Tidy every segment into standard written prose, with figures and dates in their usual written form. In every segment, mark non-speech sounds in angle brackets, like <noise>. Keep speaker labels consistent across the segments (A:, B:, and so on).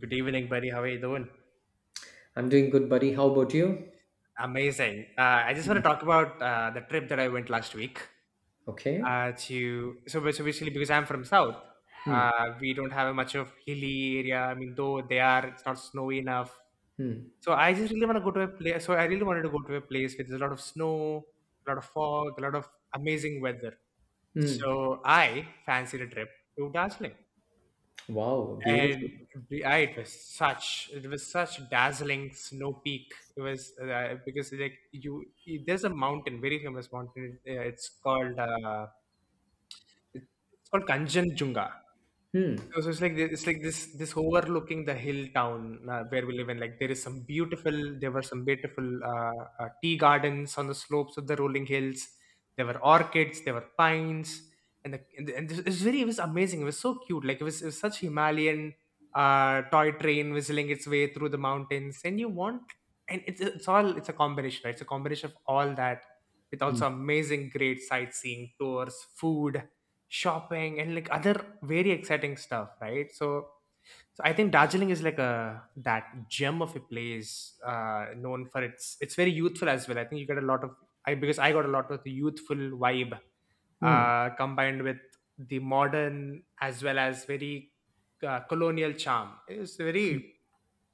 A: Good evening, buddy. How are you doing?
B: I'm doing good, buddy. How about you?
A: Amazing. I just want
B: Mm.
A: to talk about the trip that I went last week
B: Okay.
A: to. So basically, because I'm from South,
B: Hmm.
A: we don't have much of hilly area. I mean, though they are, it's not snowy enough.
B: Hmm.
A: So I just really want to go to a place. So I really wanted to go to a place with a lot of snow, a lot of fog, a lot of amazing weather.
B: Hmm.
A: So I fancied a trip to Darjeeling.
B: Wow. Beautiful.
A: And it was such dazzling snow peak. It was uh, because like there's a mountain, very famous mountain. Uh, it's called uh, it- it's called Kanchenjunga.
B: Hmm.
A: So it's like this overlooking the hill town, where we live in. Like there were some beautiful tea gardens on the slopes of the rolling hills. There were orchids, there were pines, and it was amazing. It was so cute. Like it was such Himalayan toy train whistling its way through the mountains, and you want and it's a combination. Right? It's a combination of all that with
B: Hmm.
A: also amazing, great sightseeing tours, food shopping, and like other very exciting stuff, right? So so I think Darjeeling is like a that gem of a place, known for its it's very youthful as well. I think you get a lot of, I because I got a lot of the youthful vibe
B: Hmm.
A: combined with the modern as well as very, colonial charm. it's very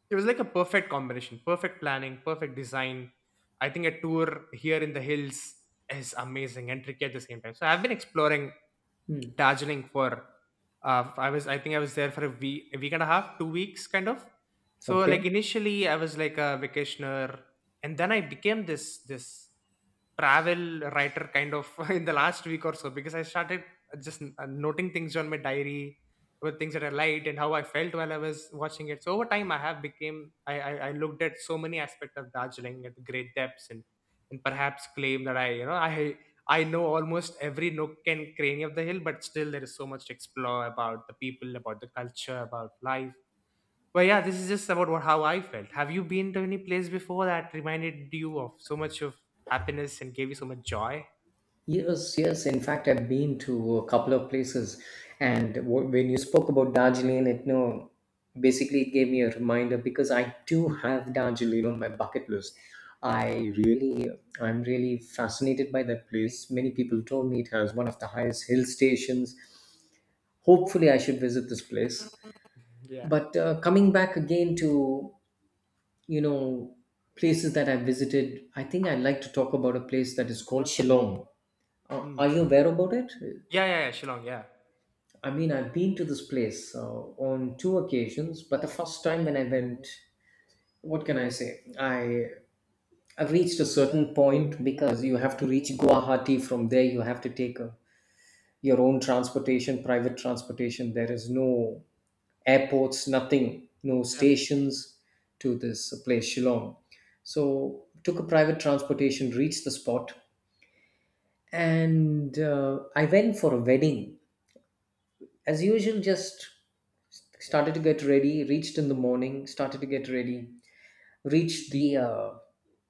A: it was like a perfect combination, perfect planning, perfect design. I think a tour here in the hills is amazing and tricky at the same time. So I've been exploring
B: Hmm.
A: Darjeeling for I think I was there for a week and a half, 2 weeks kind of. So,
B: Okay.
A: like, initially I was like a vacationer, and then I became this travel writer kind of <laughs> in the last week or so because I started just noting things on my diary with things that I liked and how I felt while I was watching it. So over time, I have became I looked at so many aspects of Darjeeling at great depths, and perhaps claim that I know almost every nook and cranny of the hill, but still there is so much to explore about the people, about the culture, about life. But yeah, this is just about what how I felt. Have you been to any place before that reminded you of so much of happiness and gave you so much joy?
B: Yes. Yes. In fact, I've been to a couple of places, and when you spoke about Darjeeling, it no, basically it gave me a reminder because I do have Darjeeling on my bucket list. I really, I'm really fascinated by that place. Many people told me it has one of the highest hill stations. Hopefully, I should visit this place.
A: Yeah.
B: But coming back again to, you know places that I've visited, I think I'd like to talk about a place that is called Shillong.
A: Mm.
B: Are you aware about it?
A: Yeah, yeah, yeah, Shillong. Yeah,
B: I mean, I've been to this place on two occasions, but the first time when I went, what can I say, I reached a certain point. Because you have to reach Guwahati, from there you have to take your own transportation, private transportation. There is no airports, nothing, no
A: yeah,
B: stations to this place, Shillong. So, took a private transportation, reached the spot, and I went for a wedding. As usual, just started to get ready, reached in the morning, started to get ready, reached the uh,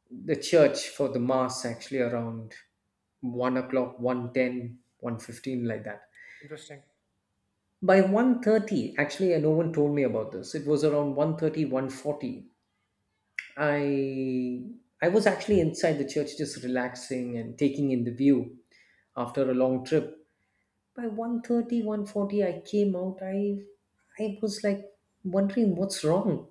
B: the church for the mass, actually around 1 o'clock, 1:10, 1:15, like that.
A: interesting.
B: By 1:30, actually, no one told me about this, it was around 1:30, 1:40. I I was actually inside the church, just relaxing and taking in the view after a long trip. By 1:30, 1:40, I came out. I was like wondering what's wrong.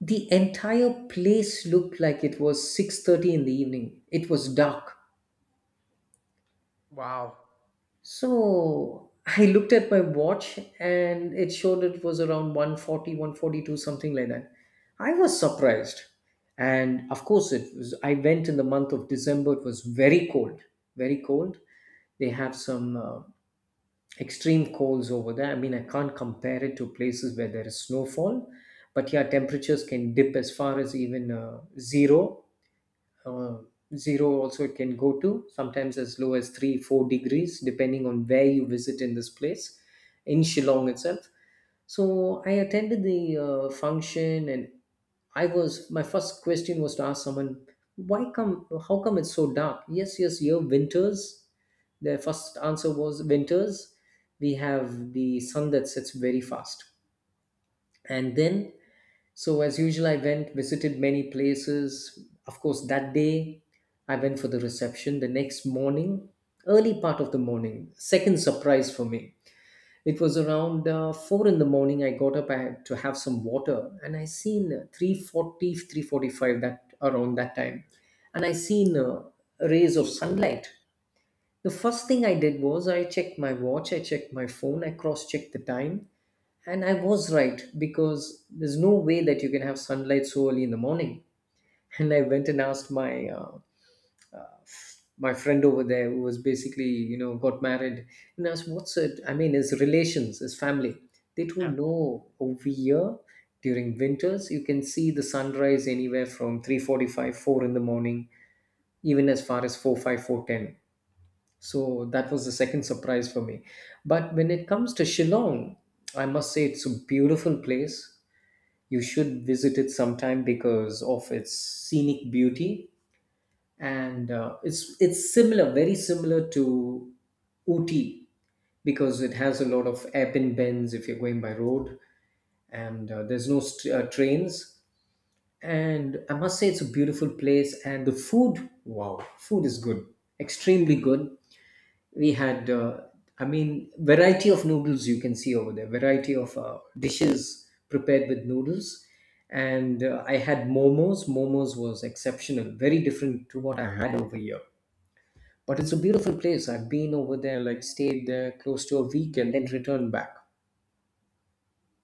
B: The entire place looked like it was 6:30 in the evening. It was dark.
A: Wow.
B: So <laughs> I looked at my watch and it showed it was around 1:40, 1:42, something like that. I was surprised. And of course, I went in the month of December. It was very cold, very cold. They have some extreme colds over there. I mean, I can't compare it to places where there is snowfall, but yeah, temperatures can dip as far as even uh, zero also. It can go to sometimes as low as 3 4 degrees, depending on where you visit in this place, in Shillong itself. So I attended the function, and I was my first question was to ask someone, why come how come it's so dark? Yes, yes, here winters, the first answer was winters. We have the sun that sets very fast. And then so, as usual, I went, visited many places. Of course, that day I went for the reception. The next morning, early part of the morning, second surprise for me. It was around 4 in the morning. I got up, I had to have some water, and I seen 340, that around that time. And I seen rays of sunlight. The first thing I did was I checked my watch, I checked my phone, I cross checked the time, and I was right, because there's no way that you can have sunlight so early in the morning. And I went and asked my friend over there, who was basically, got married, and asked what's it? I mean, his relations, his family. They
A: Yeah.
B: told, no, over here during winters you can see the sunrise anywhere from 3:45 4 in the morning, even as far as 4:5 4:10. So that was the second surprise for me. But when it comes to Shillong, I must say it's a beautiful place. You should visit it sometime because of its scenic beauty, and it's similar, very similar to Ooty, because it has a lot of hairpin bends if you're going by road, and there's no trains. And I must say, it's a beautiful place, and the food, wow, food is good, extremely good. We had, I mean, variety of noodles you can see over there, variety of dishes prepared with noodles. And I had momos. Momos was exceptional, very different to what I had over here. But it's a beautiful place. I've been over there, like stayed there close to a week, and then returned back.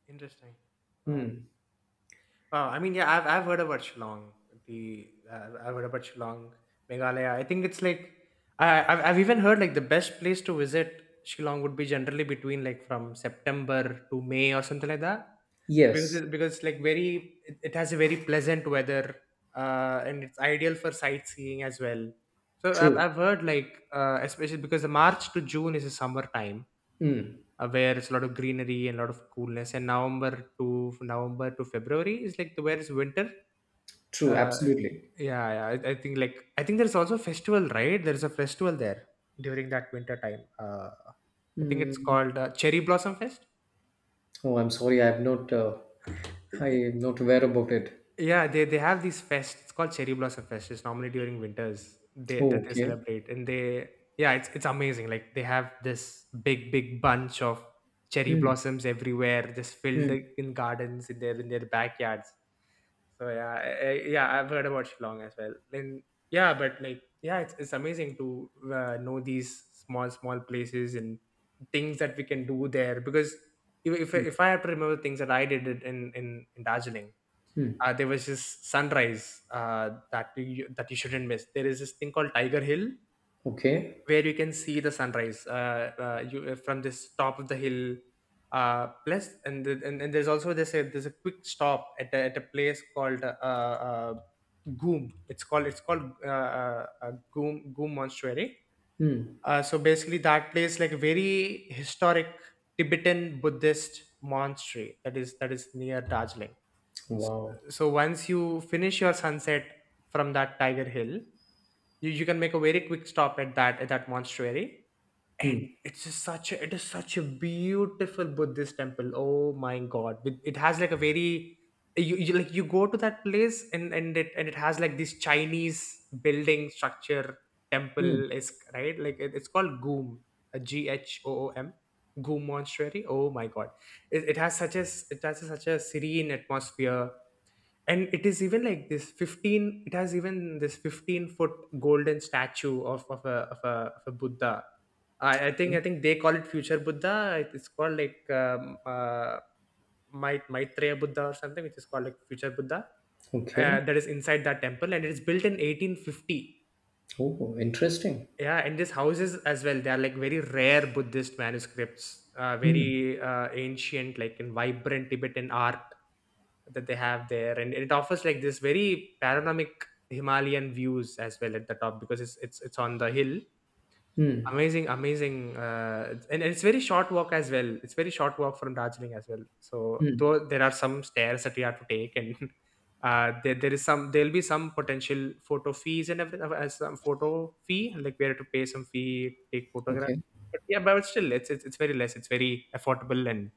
A: Interesting. Wow.
B: Hmm.
A: Wow. I mean, yeah, I've heard about Shillong. I've heard about Shillong, Meghalaya. I think it's like I've even heard, like, the best place to visit Shillong would be generally between, like, from September to May or something like that. Because
B: Yes.
A: it, because it's like it has a very pleasant weather, and it's ideal for sightseeing as well. So I've
B: True.
A: I've heard, like, especially because the March to June is a summer time,
B: Hmm.
A: where it's a lot of greenery and a lot of coolness. And November to February is like the where it's winter.
B: True.
A: Uh,
B: Absolutely.
A: yeah, yeah. I think there's also a festival, right? There's a festival there during that winter time. I think it's
B: Hmm.
A: called, Cherry Blossom Fest.
B: Oh, I'm sorry, I'm not aware about it.
A: Yeah, they have these fest. It's called Cherry Blossom Fest. It's normally during winters they that
B: Oh,
A: they
B: okay.
A: celebrate, and they yeah, it's amazing. Like they have this big, big bunch of cherry
B: Hmm.
A: blossoms everywhere, just filled
B: Hmm.
A: in gardens, in their backyards. So yeah, yeah, I've heard about Shillong as well. And yeah, but, like, yeah, it's amazing to know these small, small places and things that we can do there because. If I have to remember things that I did in Darjeeling,
B: Hmm.
A: there was this sunrise, that you shouldn't miss. There is this thing called Tiger Hill,
B: Okay.
A: where you can see the sunrise from this top of the hill. Plus, and there's also this there's a quick stop at a place called Goom. It's called Goom Monastery.
B: Hmm.
A: So basically, that place like very historic Tibetan Buddhist monastery that is near Darjeeling.
B: Wow.
A: So once you finish your sunset from that Tiger Hill, you can make a very quick stop at that monastery.
B: Hmm.
A: And it's just it is such a beautiful Buddhist temple. Oh my God! It has like a very, you like you go to that place, and it has like this Chinese building structure.
B: Hmm.
A: Temple is right, like, it's called Goom, a Ghoom, Goom Monastery. Oh my God! It has such a serene atmosphere, and it is even like this 15 it has even this 15-foot golden statue of a buddha. I, I think
B: Yeah.
A: i think they call it future buddha. It's called, like, maitreya buddha or something, which is called, like, future buddha
B: Okay.
A: that is inside that temple, and it is built in 1850.
B: Oh, interesting.
A: Yeah, and these houses as well, they are like very rare Buddhist manuscripts,
B: Hmm.
A: very ancient, like in vibrant Tibetan art that they have there, and it offers like this very panoramic Himalayan views as well at the top, because it's on the hill.
B: Hmm.
A: Amazing, amazing, and it's very short walk as well. It's very short walk from Darjeeling as well. So
B: Hmm.
A: though there are some stairs that we have to take, and <laughs> there'll be some potential photo fees and everything, some photo fee, like we have to pay some fee, take photograph.
B: Okay.
A: But yeah, but still, it's very less. It's very affordable, and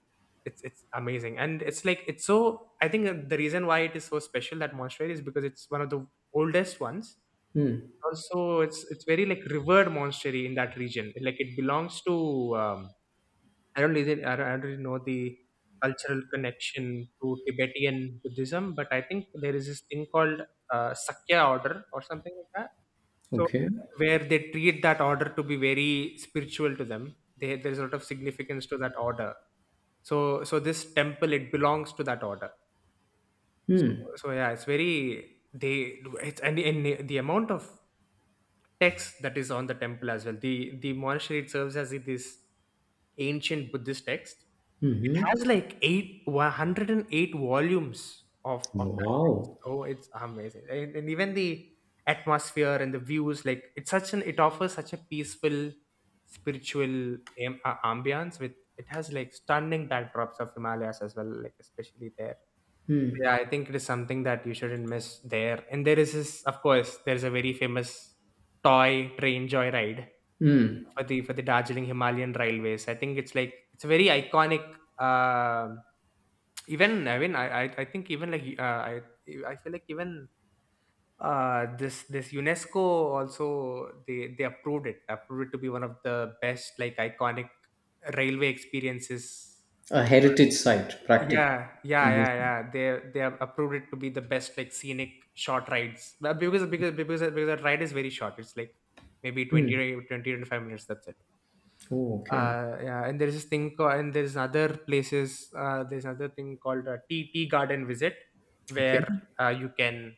A: it's amazing. And it's, like, it's so. I think the reason why it is so special, that monastery, is because it's one of the oldest ones
B: Hmm.
A: also. It's very, like, revered monastery in that region. Like, it belongs to, um, I don't really know the cultural connection to Tibetan Buddhism, but I think there is this thing called Sakya order or something like that. So
B: Okay.
A: where they treat that order to be very spiritual to them. There's a lot of significance to that order. So this temple, it belongs to that order. So
B: Hmm.
A: so yeah, it's very they it's and the amount of text that is on the temple as well. The monastery, it serves as this ancient Buddhist text. It
B: Mm-hmm.
A: has like eight one hundred and eight volumes of that text.
B: Wow.
A: Oh, it's amazing, and even the atmosphere and the views, like, it offers such a peaceful spiritual ambience with it, has like stunning backdrops of Himalayas as well, like especially there.
B: Hmm.
A: Yeah, I think it is something that you shouldn't miss there. And there is this, of course, there's a very famous toy train joyride
B: Hmm.
A: for the Darjeeling Himalayan Railways. I think it's, like, it's a very iconic. Uh, Even, I mean, I think, even, like, I feel like even this UNESCO also, they approved it to be one of the best, like, iconic railway experiences.
B: A heritage site, practically.
A: Yeah, yeah, yeah,
B: Amazing.
A: yeah. They have approved it to be the best, like, scenic short rides, but because that ride is very short. It's like maybe 20,
B: Hmm.
A: to 20 25 minutes. That's it.
B: Oh, okay.
A: Yeah, and there is this thing called, and there's other places. There's another thing called a tea garden visit,
B: Okay.
A: where you can,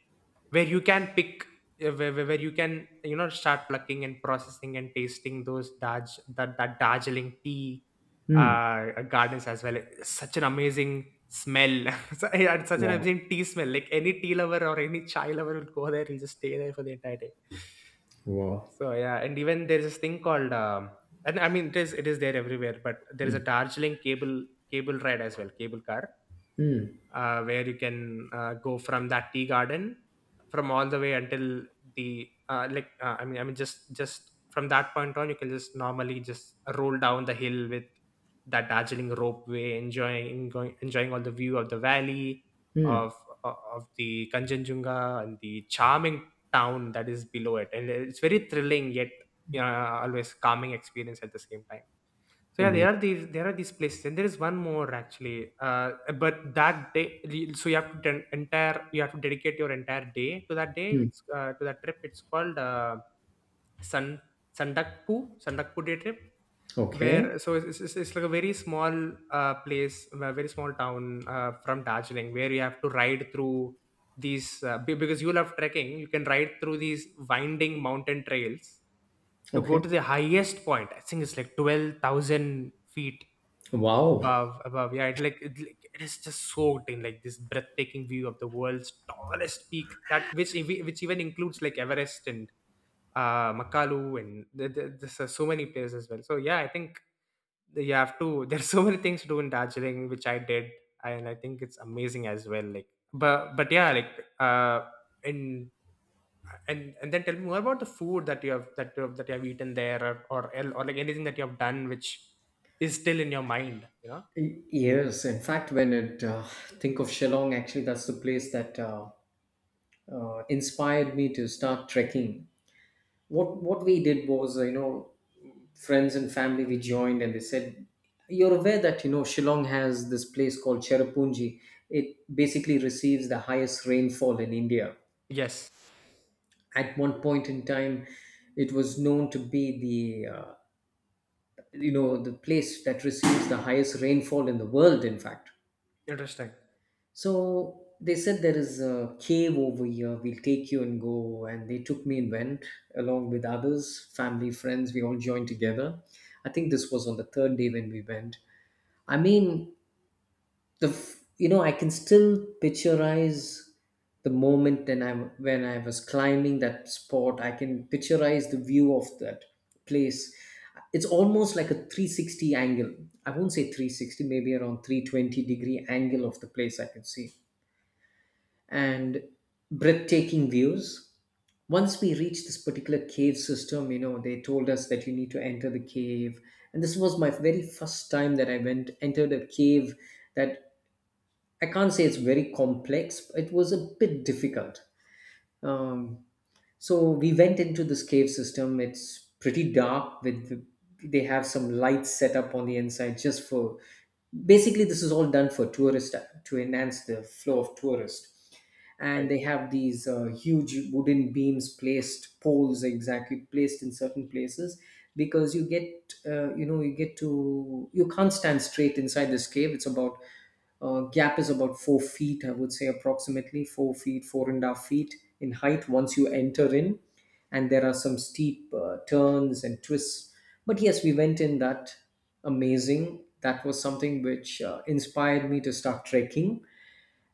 A: where you can pick, where you can, start plucking and processing and tasting those Darj that that Darjeeling tea
B: Hmm.
A: gardens as well. It's such an amazing smell. <laughs> So, yeah, it's such an
B: Wow.
A: amazing tea smell. Like any tea lover or any chai lover will go there. He'll just stay there for the entire day.
B: Wow.
A: So yeah, and even there's this thing called and I mean it is there everywhere, but there is a Darjeeling cable ride as well, cable car,
B: Hmm.
A: where you can go from that tea garden, from all the way until the like I mean just from that point on you can just normally just roll down the hill with that Darjeeling ropeway, enjoying going, enjoying all the view of the valley
B: Hmm.
A: of of the Kanchenjunga and the charming town that is below it, and it's very thrilling yet, you know, always calming experience at the same time. So yeah, there
B: Amazing.
A: are these there are these places, and there is one more actually. But that day, so you have to den- entire you have to dedicate your entire day to that day.
B: Hmm.
A: It's to that trip. It's called Sun Sandakpu day trip,
B: Okay.
A: where it's like a very small place, a very small town from Darjeeling, where you have to ride through these because you love trekking. You can ride through these winding mountain trails to go
B: Okay.
A: to the highest point. I think it's like 12,000 feet
B: Wow.
A: above. Above, yeah. It is just soaked in like this breathtaking view of the world's tallest peak. That which which even includes like Everest and Makalu and there's so many places as well. So yeah, I think that you have to. <laughs> There's so many things to do in Darjeeling, which I did, and I think it's amazing as well. Like, but yeah, like uh, in and then tell me more about the food that you have that you have eaten there, or or like anything that you have done which is still in your mind, you know?
B: Yes. In fact, when it think of Shillong, actually, that's the place that inspired me to start trekking. What we did was, friends and family we joined, and they said, "You're aware that, Shillong has this place called Cherrapunji. It basically receives the highest rainfall in India.
A: Yes.
B: At one point in time, it was known to be the you know the place that receives the highest rainfall in the world. In fact."
A: Interesting.
B: So they said there is a cave over here. We'll take you and go. And they took me and went along with others, family, friends. We all joined together. I think this was on the third day when we went. I
A: Interesting.
B: mean, the f- you know I can still picturize the moment when I was climbing that spot. I can picturize the view of that place. It's almost like a 360 angle. I won't say 360, maybe around 320-degree angle of the place I can see, and breathtaking views. Once we reached this particular cave system, they told us that you need to enter the cave. And this was my very first time that I went, entered a cave, that I can't say it's very complex, but it was a bit difficult. Um, so we went into this cave system. It's pretty dark. With They have some lights set up on the inside, just for, basically this is all done for tourist to enhance the flow of tourists, and
A: Right.
B: they have these huge wooden beams placed, poles exactly placed in certain places. Because you get, you get to, you can't stand straight inside this cave. It's about, gap is about 4 feet, I would say approximately 4 feet, 4.5 feet in height, once you enter in. And there are some steep turns and twists, but yes, we went in that. Amazing. That was something which inspired me to start trekking.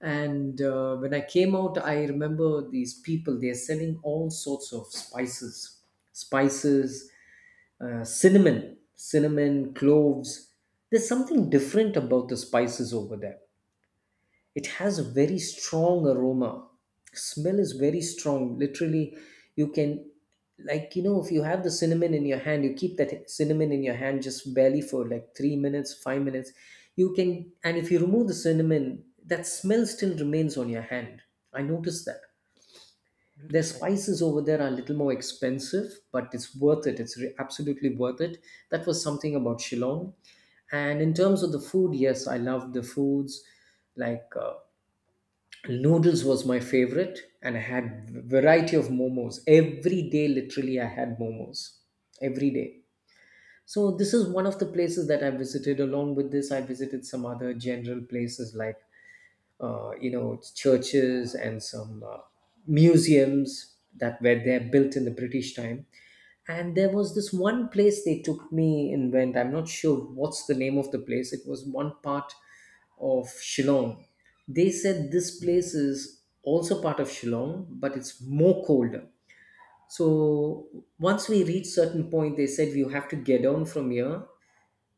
B: And when I came out, I remember these people, they're selling all sorts of spices, spices, cinnamon, cinnamon, cloves. There's something different about the spices over there. It has a very strong aroma. Smell is very strong. Literally, you can, like, if you have the cinnamon in your hand, you keep that cinnamon in your hand just barely for like 3 minutes, 5 minutes. And if you remove the cinnamon, that smell still remains on your hand. I noticed that. Their
A: Interesting.
B: spices over there are a little more expensive, but it's worth it. It's absolutely worth it. That was something about Shillong. And in terms of the food, yes, I love the foods. Like, noodles was my favorite, and I had variety of momos every day. Literally, I had momos every day. So this is one of the places that I visited. Along with this, I visited some other general places like churches and some museums that were there, built in the British time. And there was this one place they took me in, went, I'm not sure what's the name of the place. It was one part of Shillong. They said this place is also part of Shillong, but it's more colder. So once we reached certain point, they said you have to get down from here,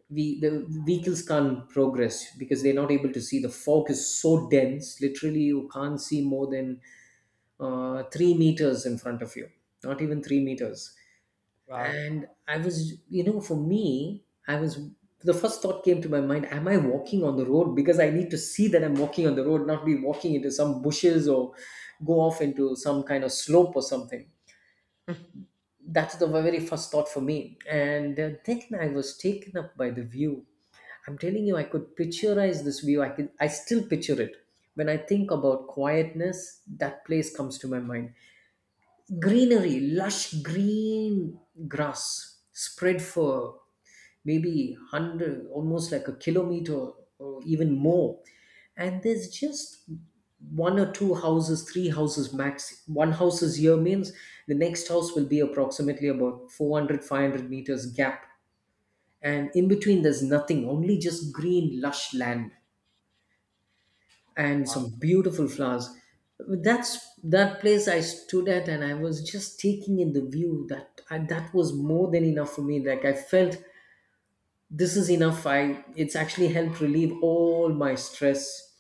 B: we the vehicles can't progress because they're not able to see. The fog is so dense, literally you can't see more than 3 meters in front of you, not even 3 meters.
A: Wow.
B: And I was you know for me, I was the first thought came to my mind, am I walking on the road? Because I need to see that I'm walking on the road, not be walking into some bushes or go off into some kind of slope or something. That's the very first thought for me. And then I was taken up by the view. I'm telling you, I could picturize this view, I still picture it. When I think about quietness, that place comes to my mind. Greenery, lush green grass spread for maybe 100, almost like a kilometer or even more. And there's just one or two houses, three houses max. One house is here means the next house will be approximately about 400, 500 meters gap. And in between there's nothing, only just green lush land and
A: Wow.
B: some beautiful flowers. That's that place I stood at, and I was just taking in the view. That was more than enough for me. Like, I felt this is enough. I It's actually helped relieve all my stress.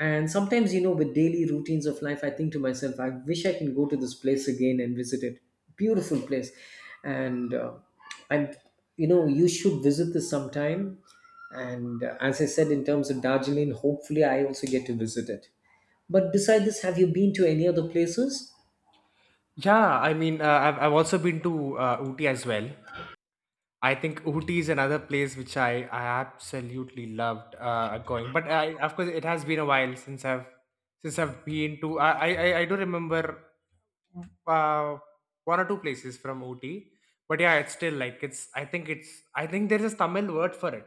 B: And sometimes, you know, with daily routines of life, I think to myself, I wish I can go to this place again and visit it. Beautiful place. and uh, and, you know, you should visit this sometime. And as I said, in terms of Darjeeling, hopefully I also get to visit it. But beside this, have you been to any other places?
A: Yeah, I mean, I've also been to Ooty as well. I think Ooty is another place which I absolutely loved going. But I, of course, it has been a while since I've, since I've been to. I do remember uh, one or two places from Ooty, but yeah, it's still like it's. I think it's. I think there's a Tamil word for it.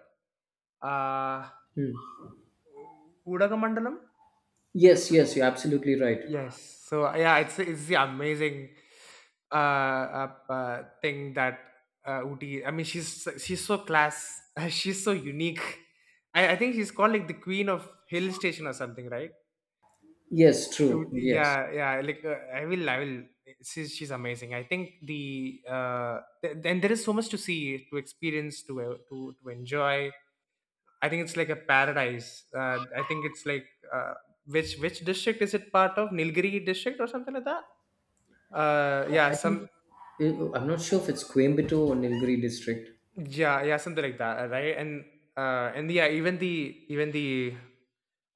A: Uh,
B: Hmm.
A: Udaga.
B: Yes, yes, you're absolutely right.
A: Yes. So yeah, it's the amazing thing that Uti. I mean, she's so class. <laughs> She's so unique. I think she's called like the queen of hill station or something, right?
B: Yes, true,
A: Uti.
B: yes.
A: Yeah, yeah. Like I will. She's amazing. I think the and there is so much to see, to experience, to to enjoy. I think it's like a paradise. I think it's like, uh, which district is it part of? Nilgiri district or something like that? Yeah,
B: I
A: some.
B: think I'm not sure if it's Coimbatore or Nilgiri district.
A: Yeah, yeah, something like that, right? And yeah, even the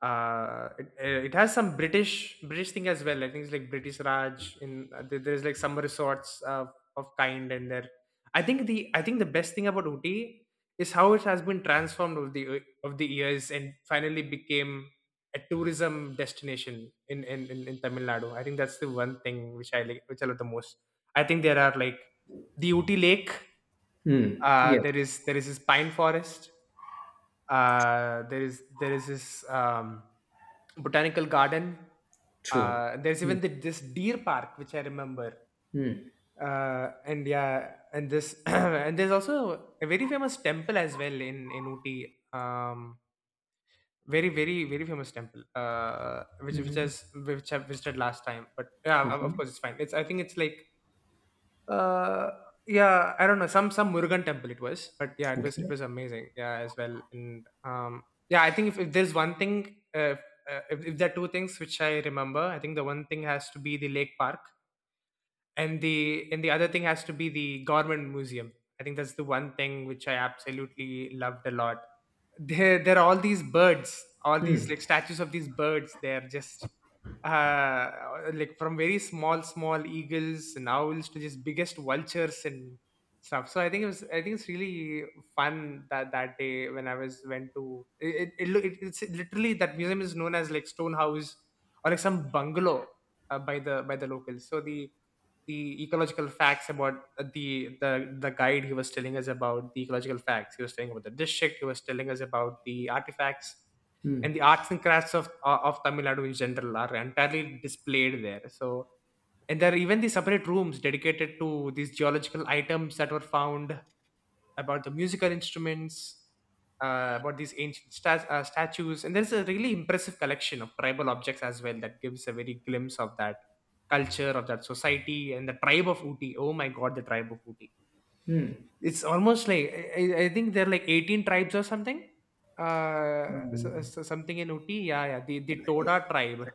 A: it has some British thing as well. I think it's like British Raj in, there's like summer resorts of kind, and there. I think the best thing about Ooty is how it has been transformed over the of the years and finally became a tourism destination in in Tamil Nadu. I think that's the one thing which I like, which I love the most. I think there are like the Ooty Lake,
B: Hmm. Yes.
A: there is this pine forest. There is this botanical garden.
B: True.
A: There's
B: Hmm.
A: even the, this deer park, which I remember.
B: Hmm.
A: And yeah, and this <clears throat> and there's also a very famous temple as well in Ooty. Very very very famous temple.
B: Hmm.
A: Which I visited last time, but yeah, of
B: Okay.
A: course it's fine. It's, I think it's like. Uh, yeah, I don't know. Some Murugan temple it was, but yeah, it
B: Okay.
A: was amazing. Yeah, as well. And yeah, I think if there's one thing, if there are two things which I remember, I think the one thing has to be the lake park, and the other thing has to be the government museum. I think that's the one thing which I absolutely loved a lot. There are all these birds, all these
B: Hmm.
A: like statues of these birds. They're just uh like from very small small eagles and owls to just biggest vultures and stuff. So I think it was, I think it's really fun that that day when I was went to it, it's literally that museum is known as like stone house or like some bungalow by the locals. So the ecological facts about the the the guide, he was telling us about the ecological facts, he was telling about the district, he was telling us about the artifacts
B: Hmm.
A: and the arts and crafts of Tamil Nadu in general are entirely displayed there. So and there are even the separate rooms dedicated to these geological items that were found, about the musical instruments, about these ancient stas statues, and there's a really impressive collection of tribal objects as well that gives a very glimpse of that culture of that society and the tribe of Uti. Oh my God, the tribe of Uti!
B: Hmm.
A: It's almost like, I think there are like 18 tribes or something. So something in Uti, yeah, yeah. The Toda tribe,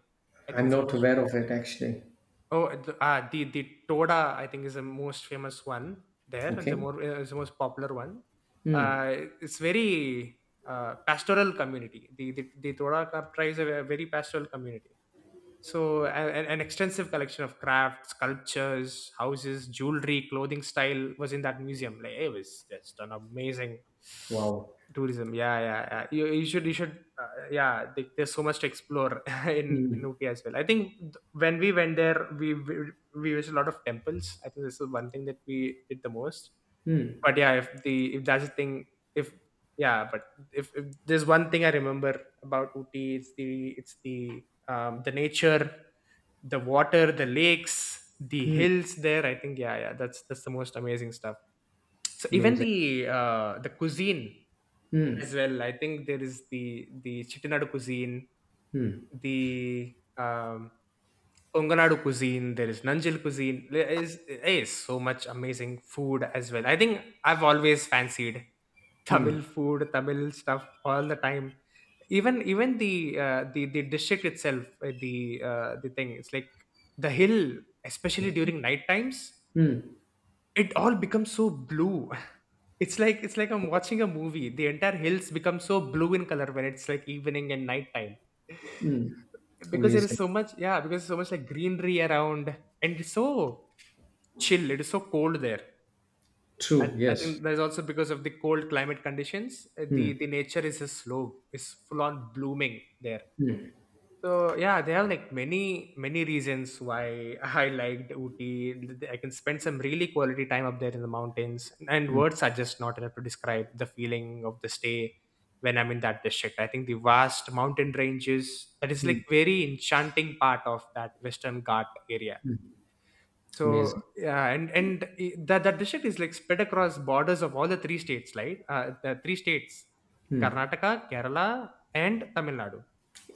A: I think
B: I'm
A: is the
B: not
A: most.
B: aware of it actually.
A: Oh, the Toda, I think, is the most famous one there. It's. The
B: Okay.
A: more, is the most popular one.
B: Hmm.
A: It's very pastoral community. The Toda Kaptra is a very pastoral community. So an extensive collection of crafts, sculptures, houses, jewelry, clothing style was in that museum. Like it was just an amazing
B: Wow.
A: tourism. Yeah yeah, yeah. You should you should, yeah, there's so much to explore <laughs> in
B: Hmm.
A: Ooty as well. I think when we went there, we visited a lot of temples. I think this is one thing that we did the most.
B: Hmm.
A: But yeah, if the if that's the thing, if, yeah, but if there's one thing I remember about Ooty, it's the nature, the water, the lakes, the
B: Hmm.
A: hills there. I think, yeah yeah, that's the most amazing stuff. So even
B: Amazing.
A: the cuisine as
B: Hmm.
A: well. I think there is the Chittinad cuisine,
B: Hmm.
A: the Onganadu cuisine. There is Nanjil cuisine. There is so much amazing food as well. I think I've always fancied
B: Hmm.
A: Tamil food, Tamil stuff all the time. Even the district itself, the thing. It's like the hill, especially
B: Okay.
A: during night times,
B: Hmm.
A: it all becomes so blue. <laughs> It's like, it's like I'm watching a movie. The entire hills become so blue in color when it's like evening and nighttime.
B: Hmm.
A: <laughs> Because there is
B: Amazing.
A: so much, yeah, because there's so much like greenery around, and it's so chill, it is so cold there.
B: True.
A: I
B: Yes.
A: think that's also because of the cold climate conditions.
B: Hmm.
A: The nature is just slow, is full on blooming there. So yeah, there are like many many reasons why <laughs> I liked Ooty. I can spend some really quality time up there in the mountains, and words are just not enough to describe the feeling of the stay when I'm in that district. I think the vast mountain ranges that is
B: Hmm.
A: like very enchanting part of that Western Ghat area. So
B: Amazing.
A: yeah, and that that district is like spread across borders of all the three states, right? The three states: Karnataka, Kerala, and Tamil Nadu.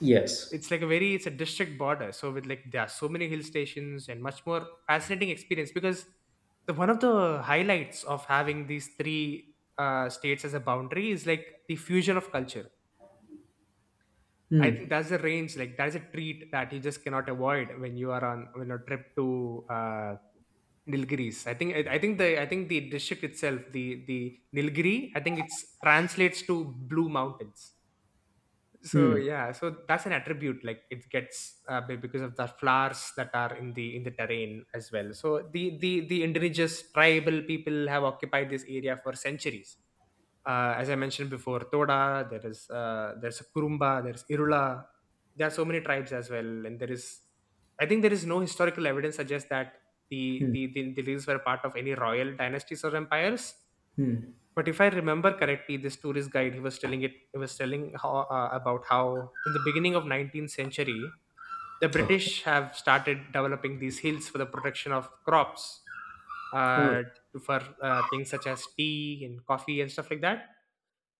B: Yes.
A: It's like a very, it's a district border, so with like there are so many hill stations and much more fascinating experience, because the one of the highlights of having these three states as a boundary is like the fusion of culture. I think
B: Hmm.
A: that's the range, like that's a treat that you just cannot avoid when you are on, when a trip to Nilgiris. I think the district itself, the Nilgiri, I think it's translates to blue mountains. So
B: Hmm.
A: yeah, so that's an attribute, like it gets because of the flowers that are in the terrain as well. So the indigenous tribal people have occupied this area for centuries. As I mentioned before, toda, there is, there's kurumba, there's irula, there are so many tribes as well. And there is. I think there is no historical evidence suggests that the
B: Hmm.
A: the the, the Lils were part of any royal dynasties or empires.
B: Hmm.
A: But if I remember correctly, this tourist guide, he was telling it, he was telling about how in the beginning of 19th century the
B: Okay.
A: british have started developing these hills for the protection of crops,
B: Oh.
A: uh, for things such as tea and coffee and stuff like that.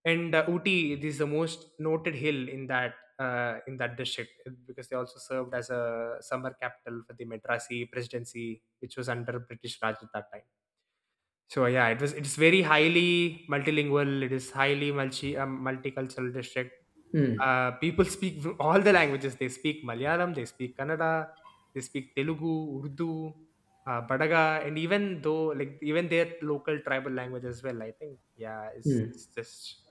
A: And Uti, this is the most noted hill in that in that district, because they also served as a summer capital for the Madrasi presidency, which was under British Raj at that time. So yeah, it's very highly multilingual. It is highly multicultural district.
B: Hmm.
A: People speak <laughs> all the languages. They speak Malayalam, they speak Kannada, they speak Telugu, Urdu, Badaga, and even though, like, even their local tribal language as well. I think, yeah, it's,
B: Hmm.
A: it's just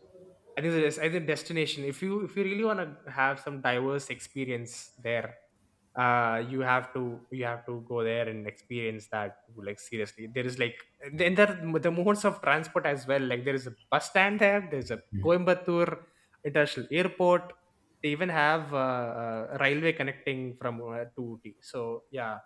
A: I think there's either destination. If you really want to have some diverse experience there, uh, you have to you have to go there and experience that, like, seriously. There is like, then there are the modes of transport as well. Like, there is a bus stand there. There's a Coimbatore International Airport. They even have railway connecting from to Ooty. So yeah,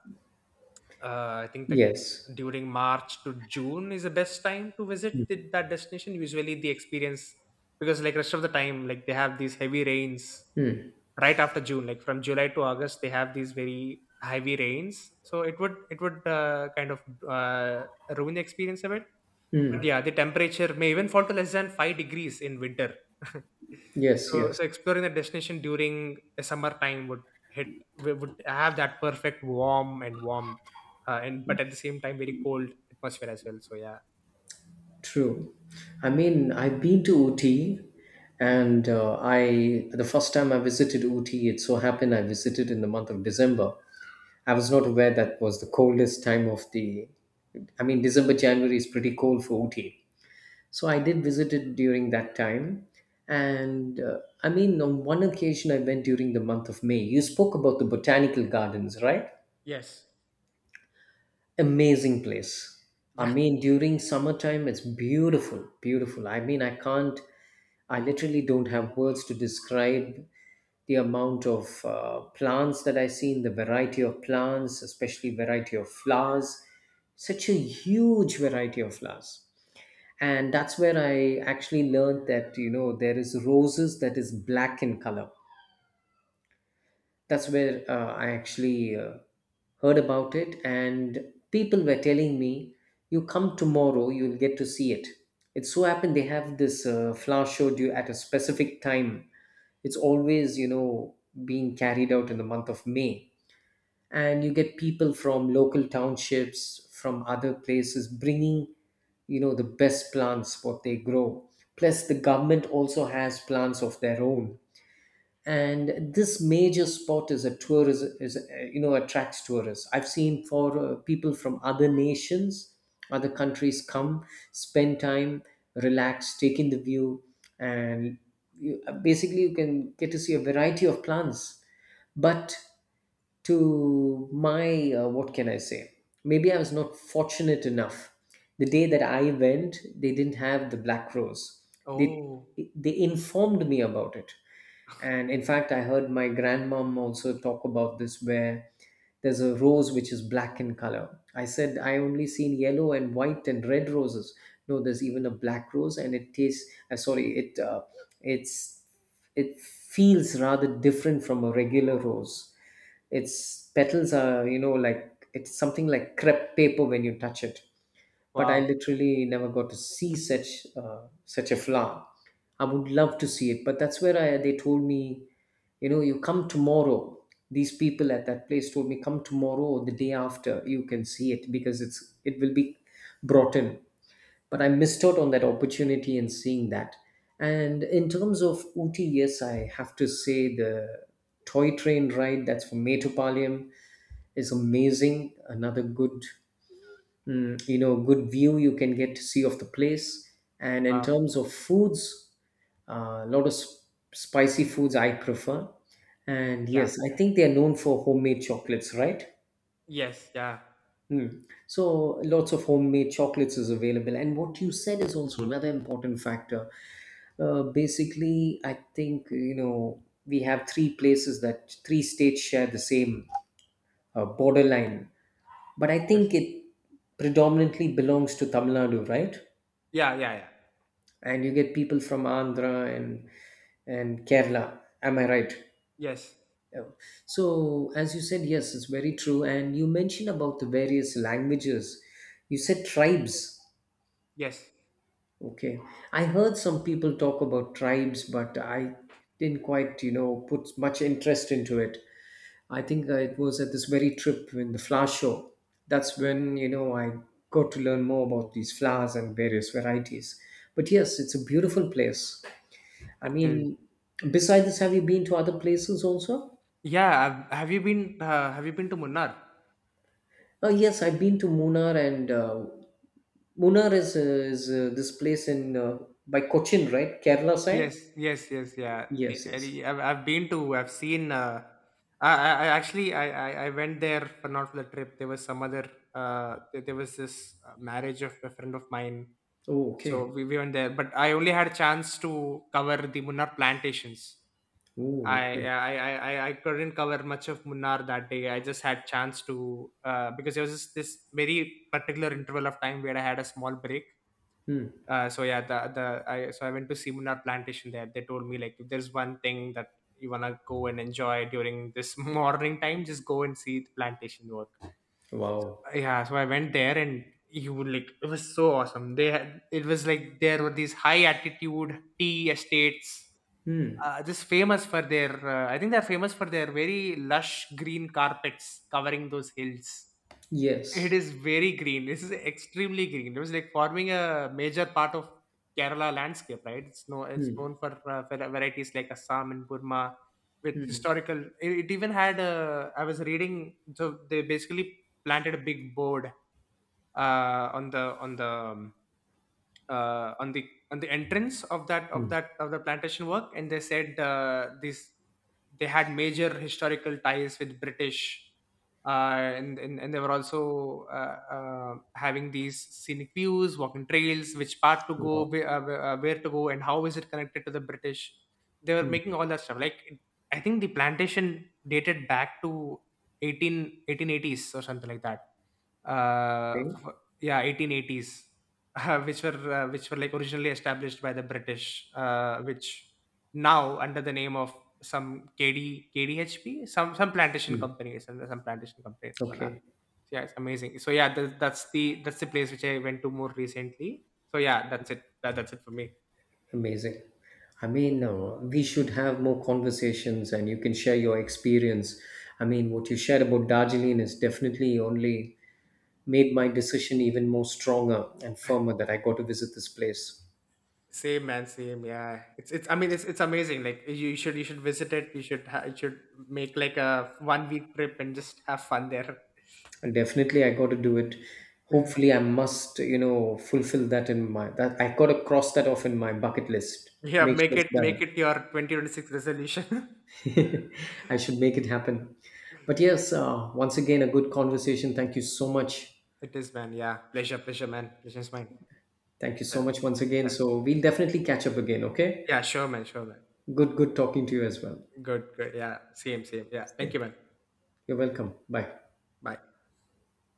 A: I think that
B: Yes.
A: during March to June is the best time to visit that destination. Usually, the experience, because, like, rest of the time, like, they have these heavy rains
B: Hmm.
A: right after June, like from July to August, they have these very heavy rains. So it would kind of uh, ruin the experience a bit. But
B: Mm.
A: yeah, the temperature may even fall to less than 5 degrees in winter. <laughs>
B: Yes,
A: So,
B: yes,
A: so exploring the destination during a summer time would hit. We would have that perfect warm and warmth, and but at the same time very cold atmosphere as well. So yeah.
B: true. I mean, I've been to Ooty,
A: Mm.
B: and I, the first time I visited Ooty, it so happened I visited in the month of December. I was not aware that was the coldest time of the. I mean, December, January is pretty cold for Ooty, so I did visit it during that time. And I mean, on one occasion, I went during the month of May. You spoke about the botanical gardens, right?
A: Yes.
B: Amazing place. I
A: Yeah.
B: mean, during summertime, it's beautiful, beautiful. I mean, I can't, I literally don't have words to describe the amount of plants that I see, in the variety of plants, especially variety of flowers. Such a huge variety of flowers. And that's where I actually learned that, you know, there is roses that is black in color. That's where I actually heard about it, and people were telling me, "You come tomorrow, you'll get to see it." It so happened they have this flower show due at a specific time. It's always, you know, being carried out in the month of May, and you get people from local townships, from other places, bringing, you know, the best plants what they grow. Plus, the government also has plants of their own, and this major spot is a tourism, is you know, attracts tourists. I've seen, for people from other nations, other countries come, spend time, relax, take in the view. And basically you can get to see a variety of plants. But to my what can I say, maybe I was not fortunate enough. The day that I went, they didn't have the black rose. they
A: Oh,
B: they informed me about it. And in fact, I heard my grandmom also talk about this, where there's a rose which is black in color. I said I only seen yellow and white and red roses. No, there's even a black rose, and it tastes sorry, it's it feels rather different from a regular rose. Its petals are, you know, like it's something like crepe paper when you touch it. But I
A: wow.
B: literally never got to see such such a flower. I would love to see it, but that's where I they told me, you know, you come tomorrow. These people at that place told me come tomorrow or the day after you can see it, because it will be brought in, but I missed out on that opportunity and seeing that. And in terms of Ooty, yes, I have to say the toy train ride that's from Metropolium is amazing. Another good, you know, good view you can get to see of the place. And in
A: Wow.
B: terms of foods, a lot of spicy foods I prefer. And
A: Yeah.
B: yes, I think they are known for homemade chocolates, right?
A: Yes. Yeah.
B: Hmm. So lots of homemade chocolates is available, and what you said is also another important factor. Basically, I think, you know, we have three places, that three states share the same borderline, but I
A: Yes.
B: think it predominantly belongs to Tamil Nadu, right?
A: Yeah. Yeah. Yeah.
B: And you get people from Andhra and Kerala. Am I right?
A: Yes.
B: Yeah. So, as you said, yes, it's very true. And you mentioned about the various languages. You said tribes.
A: Yes.
B: Okay. I heard some people talk about tribes, but I didn't quite, you know, put much interest into it. I think it was at this very trip in the flower show. That's when, you know, I got to learn more about these flowers and various varieties. But yes, it's a beautiful place. I
A: It is.
B: mean, besides this, have you been to other places also?
A: Yeah. Have you been? Have you been to Munnar?
B: Oh, yes, I've been to Munnar, and Munnar is, this place in by Cochin, right? Kerala side?
A: Yes, yes, yes, yeah.
B: Yes, yes.
A: I've been to. I've seen. I actually, I went there for not for the trip. There was some other. There was this marriage of a friend of mine.
B: Oh,
A: So
B: okay.
A: we went there, but I only had a chance to cover the Munnar plantations.
B: Oh,
A: I,
B: okay.
A: I, I, I I couldn't cover much of Munnar that day. I just had chance to, because there was this very particular interval of time where I had a small break.
B: Hmm.
A: So yeah, so I went to simunar plantation. There they told me, like, if there's one thing that you want to go and enjoy during this <laughs> morning time, just go and see the plantation work.
B: Wow.
A: Yeah, so I went there and you would like it was so awesome. They had, it was like, there were these high altitude tea estates,
B: Hmm.
A: just famous for their I think they're famous for their very lush green carpets covering those hills. It
B: Yes.
A: is very green. This is extremely green. It was like forming a major part of Kerala landscape, right? It's no, it's known
B: Hmm.
A: for varieties like Assam and Burma with historical. It even had a. I was reading, so they basically planted a big board uh, on the on the um, on the entrance of that of
B: Hmm.
A: that of the plantation work. And they said this they had major historical ties with british, and they were also having these scenic views, walking trails, which part to go
B: Wow.
A: where to go and how is it connected to the british. They were
B: Hmm.
A: making all that stuff. I think the plantation dated back to eighteen eighties or something like that,
B: Okay.
A: yeah, 1880s. <laughs> Which were like originally established by the british, which now under the name of some K D K D H P, some plantation
B: Hmm.
A: company, some plantation company, so now
B: Okay.
A: yeah, it's amazing. So yeah, that's the place which I went to more recently. So yeah, that's it, that's it for me.
B: Amazing. I mean, we should have more conversations and you can share your experience. I mean, what you shared about Darjeeling is definitely only made my decision even more stronger and firmer, that I got to visit this place.
A: Same, man, same. Yeah, it's, I mean, it's amazing. Like, you should visit it, you should make like a one week trip and just have fun there.
B: And definitely I got to do it.
A: <laughs>
B: Hopefully I must, you know, fulfill that in my, that I got to cross that off in my bucket list.
A: Yeah,
B: Make sure
A: make
B: it's
A: it, make
B: done.
A: it your 2026 resolution.
B: <laughs> I should make it happen. But yes, once again, a good conversation. Thank you so much.
A: <laughs> It is, man. Yeah. Pleasure, pleasure, man. Pleasure is mine.
B: Thank you so
A: Yeah.
B: much once
A: Yeah.
B: again. So we'll definitely catch up again, okay?
A: Yeah, sure, man. Sure, man.
B: Good, good talking to you as well.
A: Good, good. Yeah. Same, same. Yeah. Thank
B: Yeah.
A: you, man.
B: You're welcome. Bye.
A: Bye.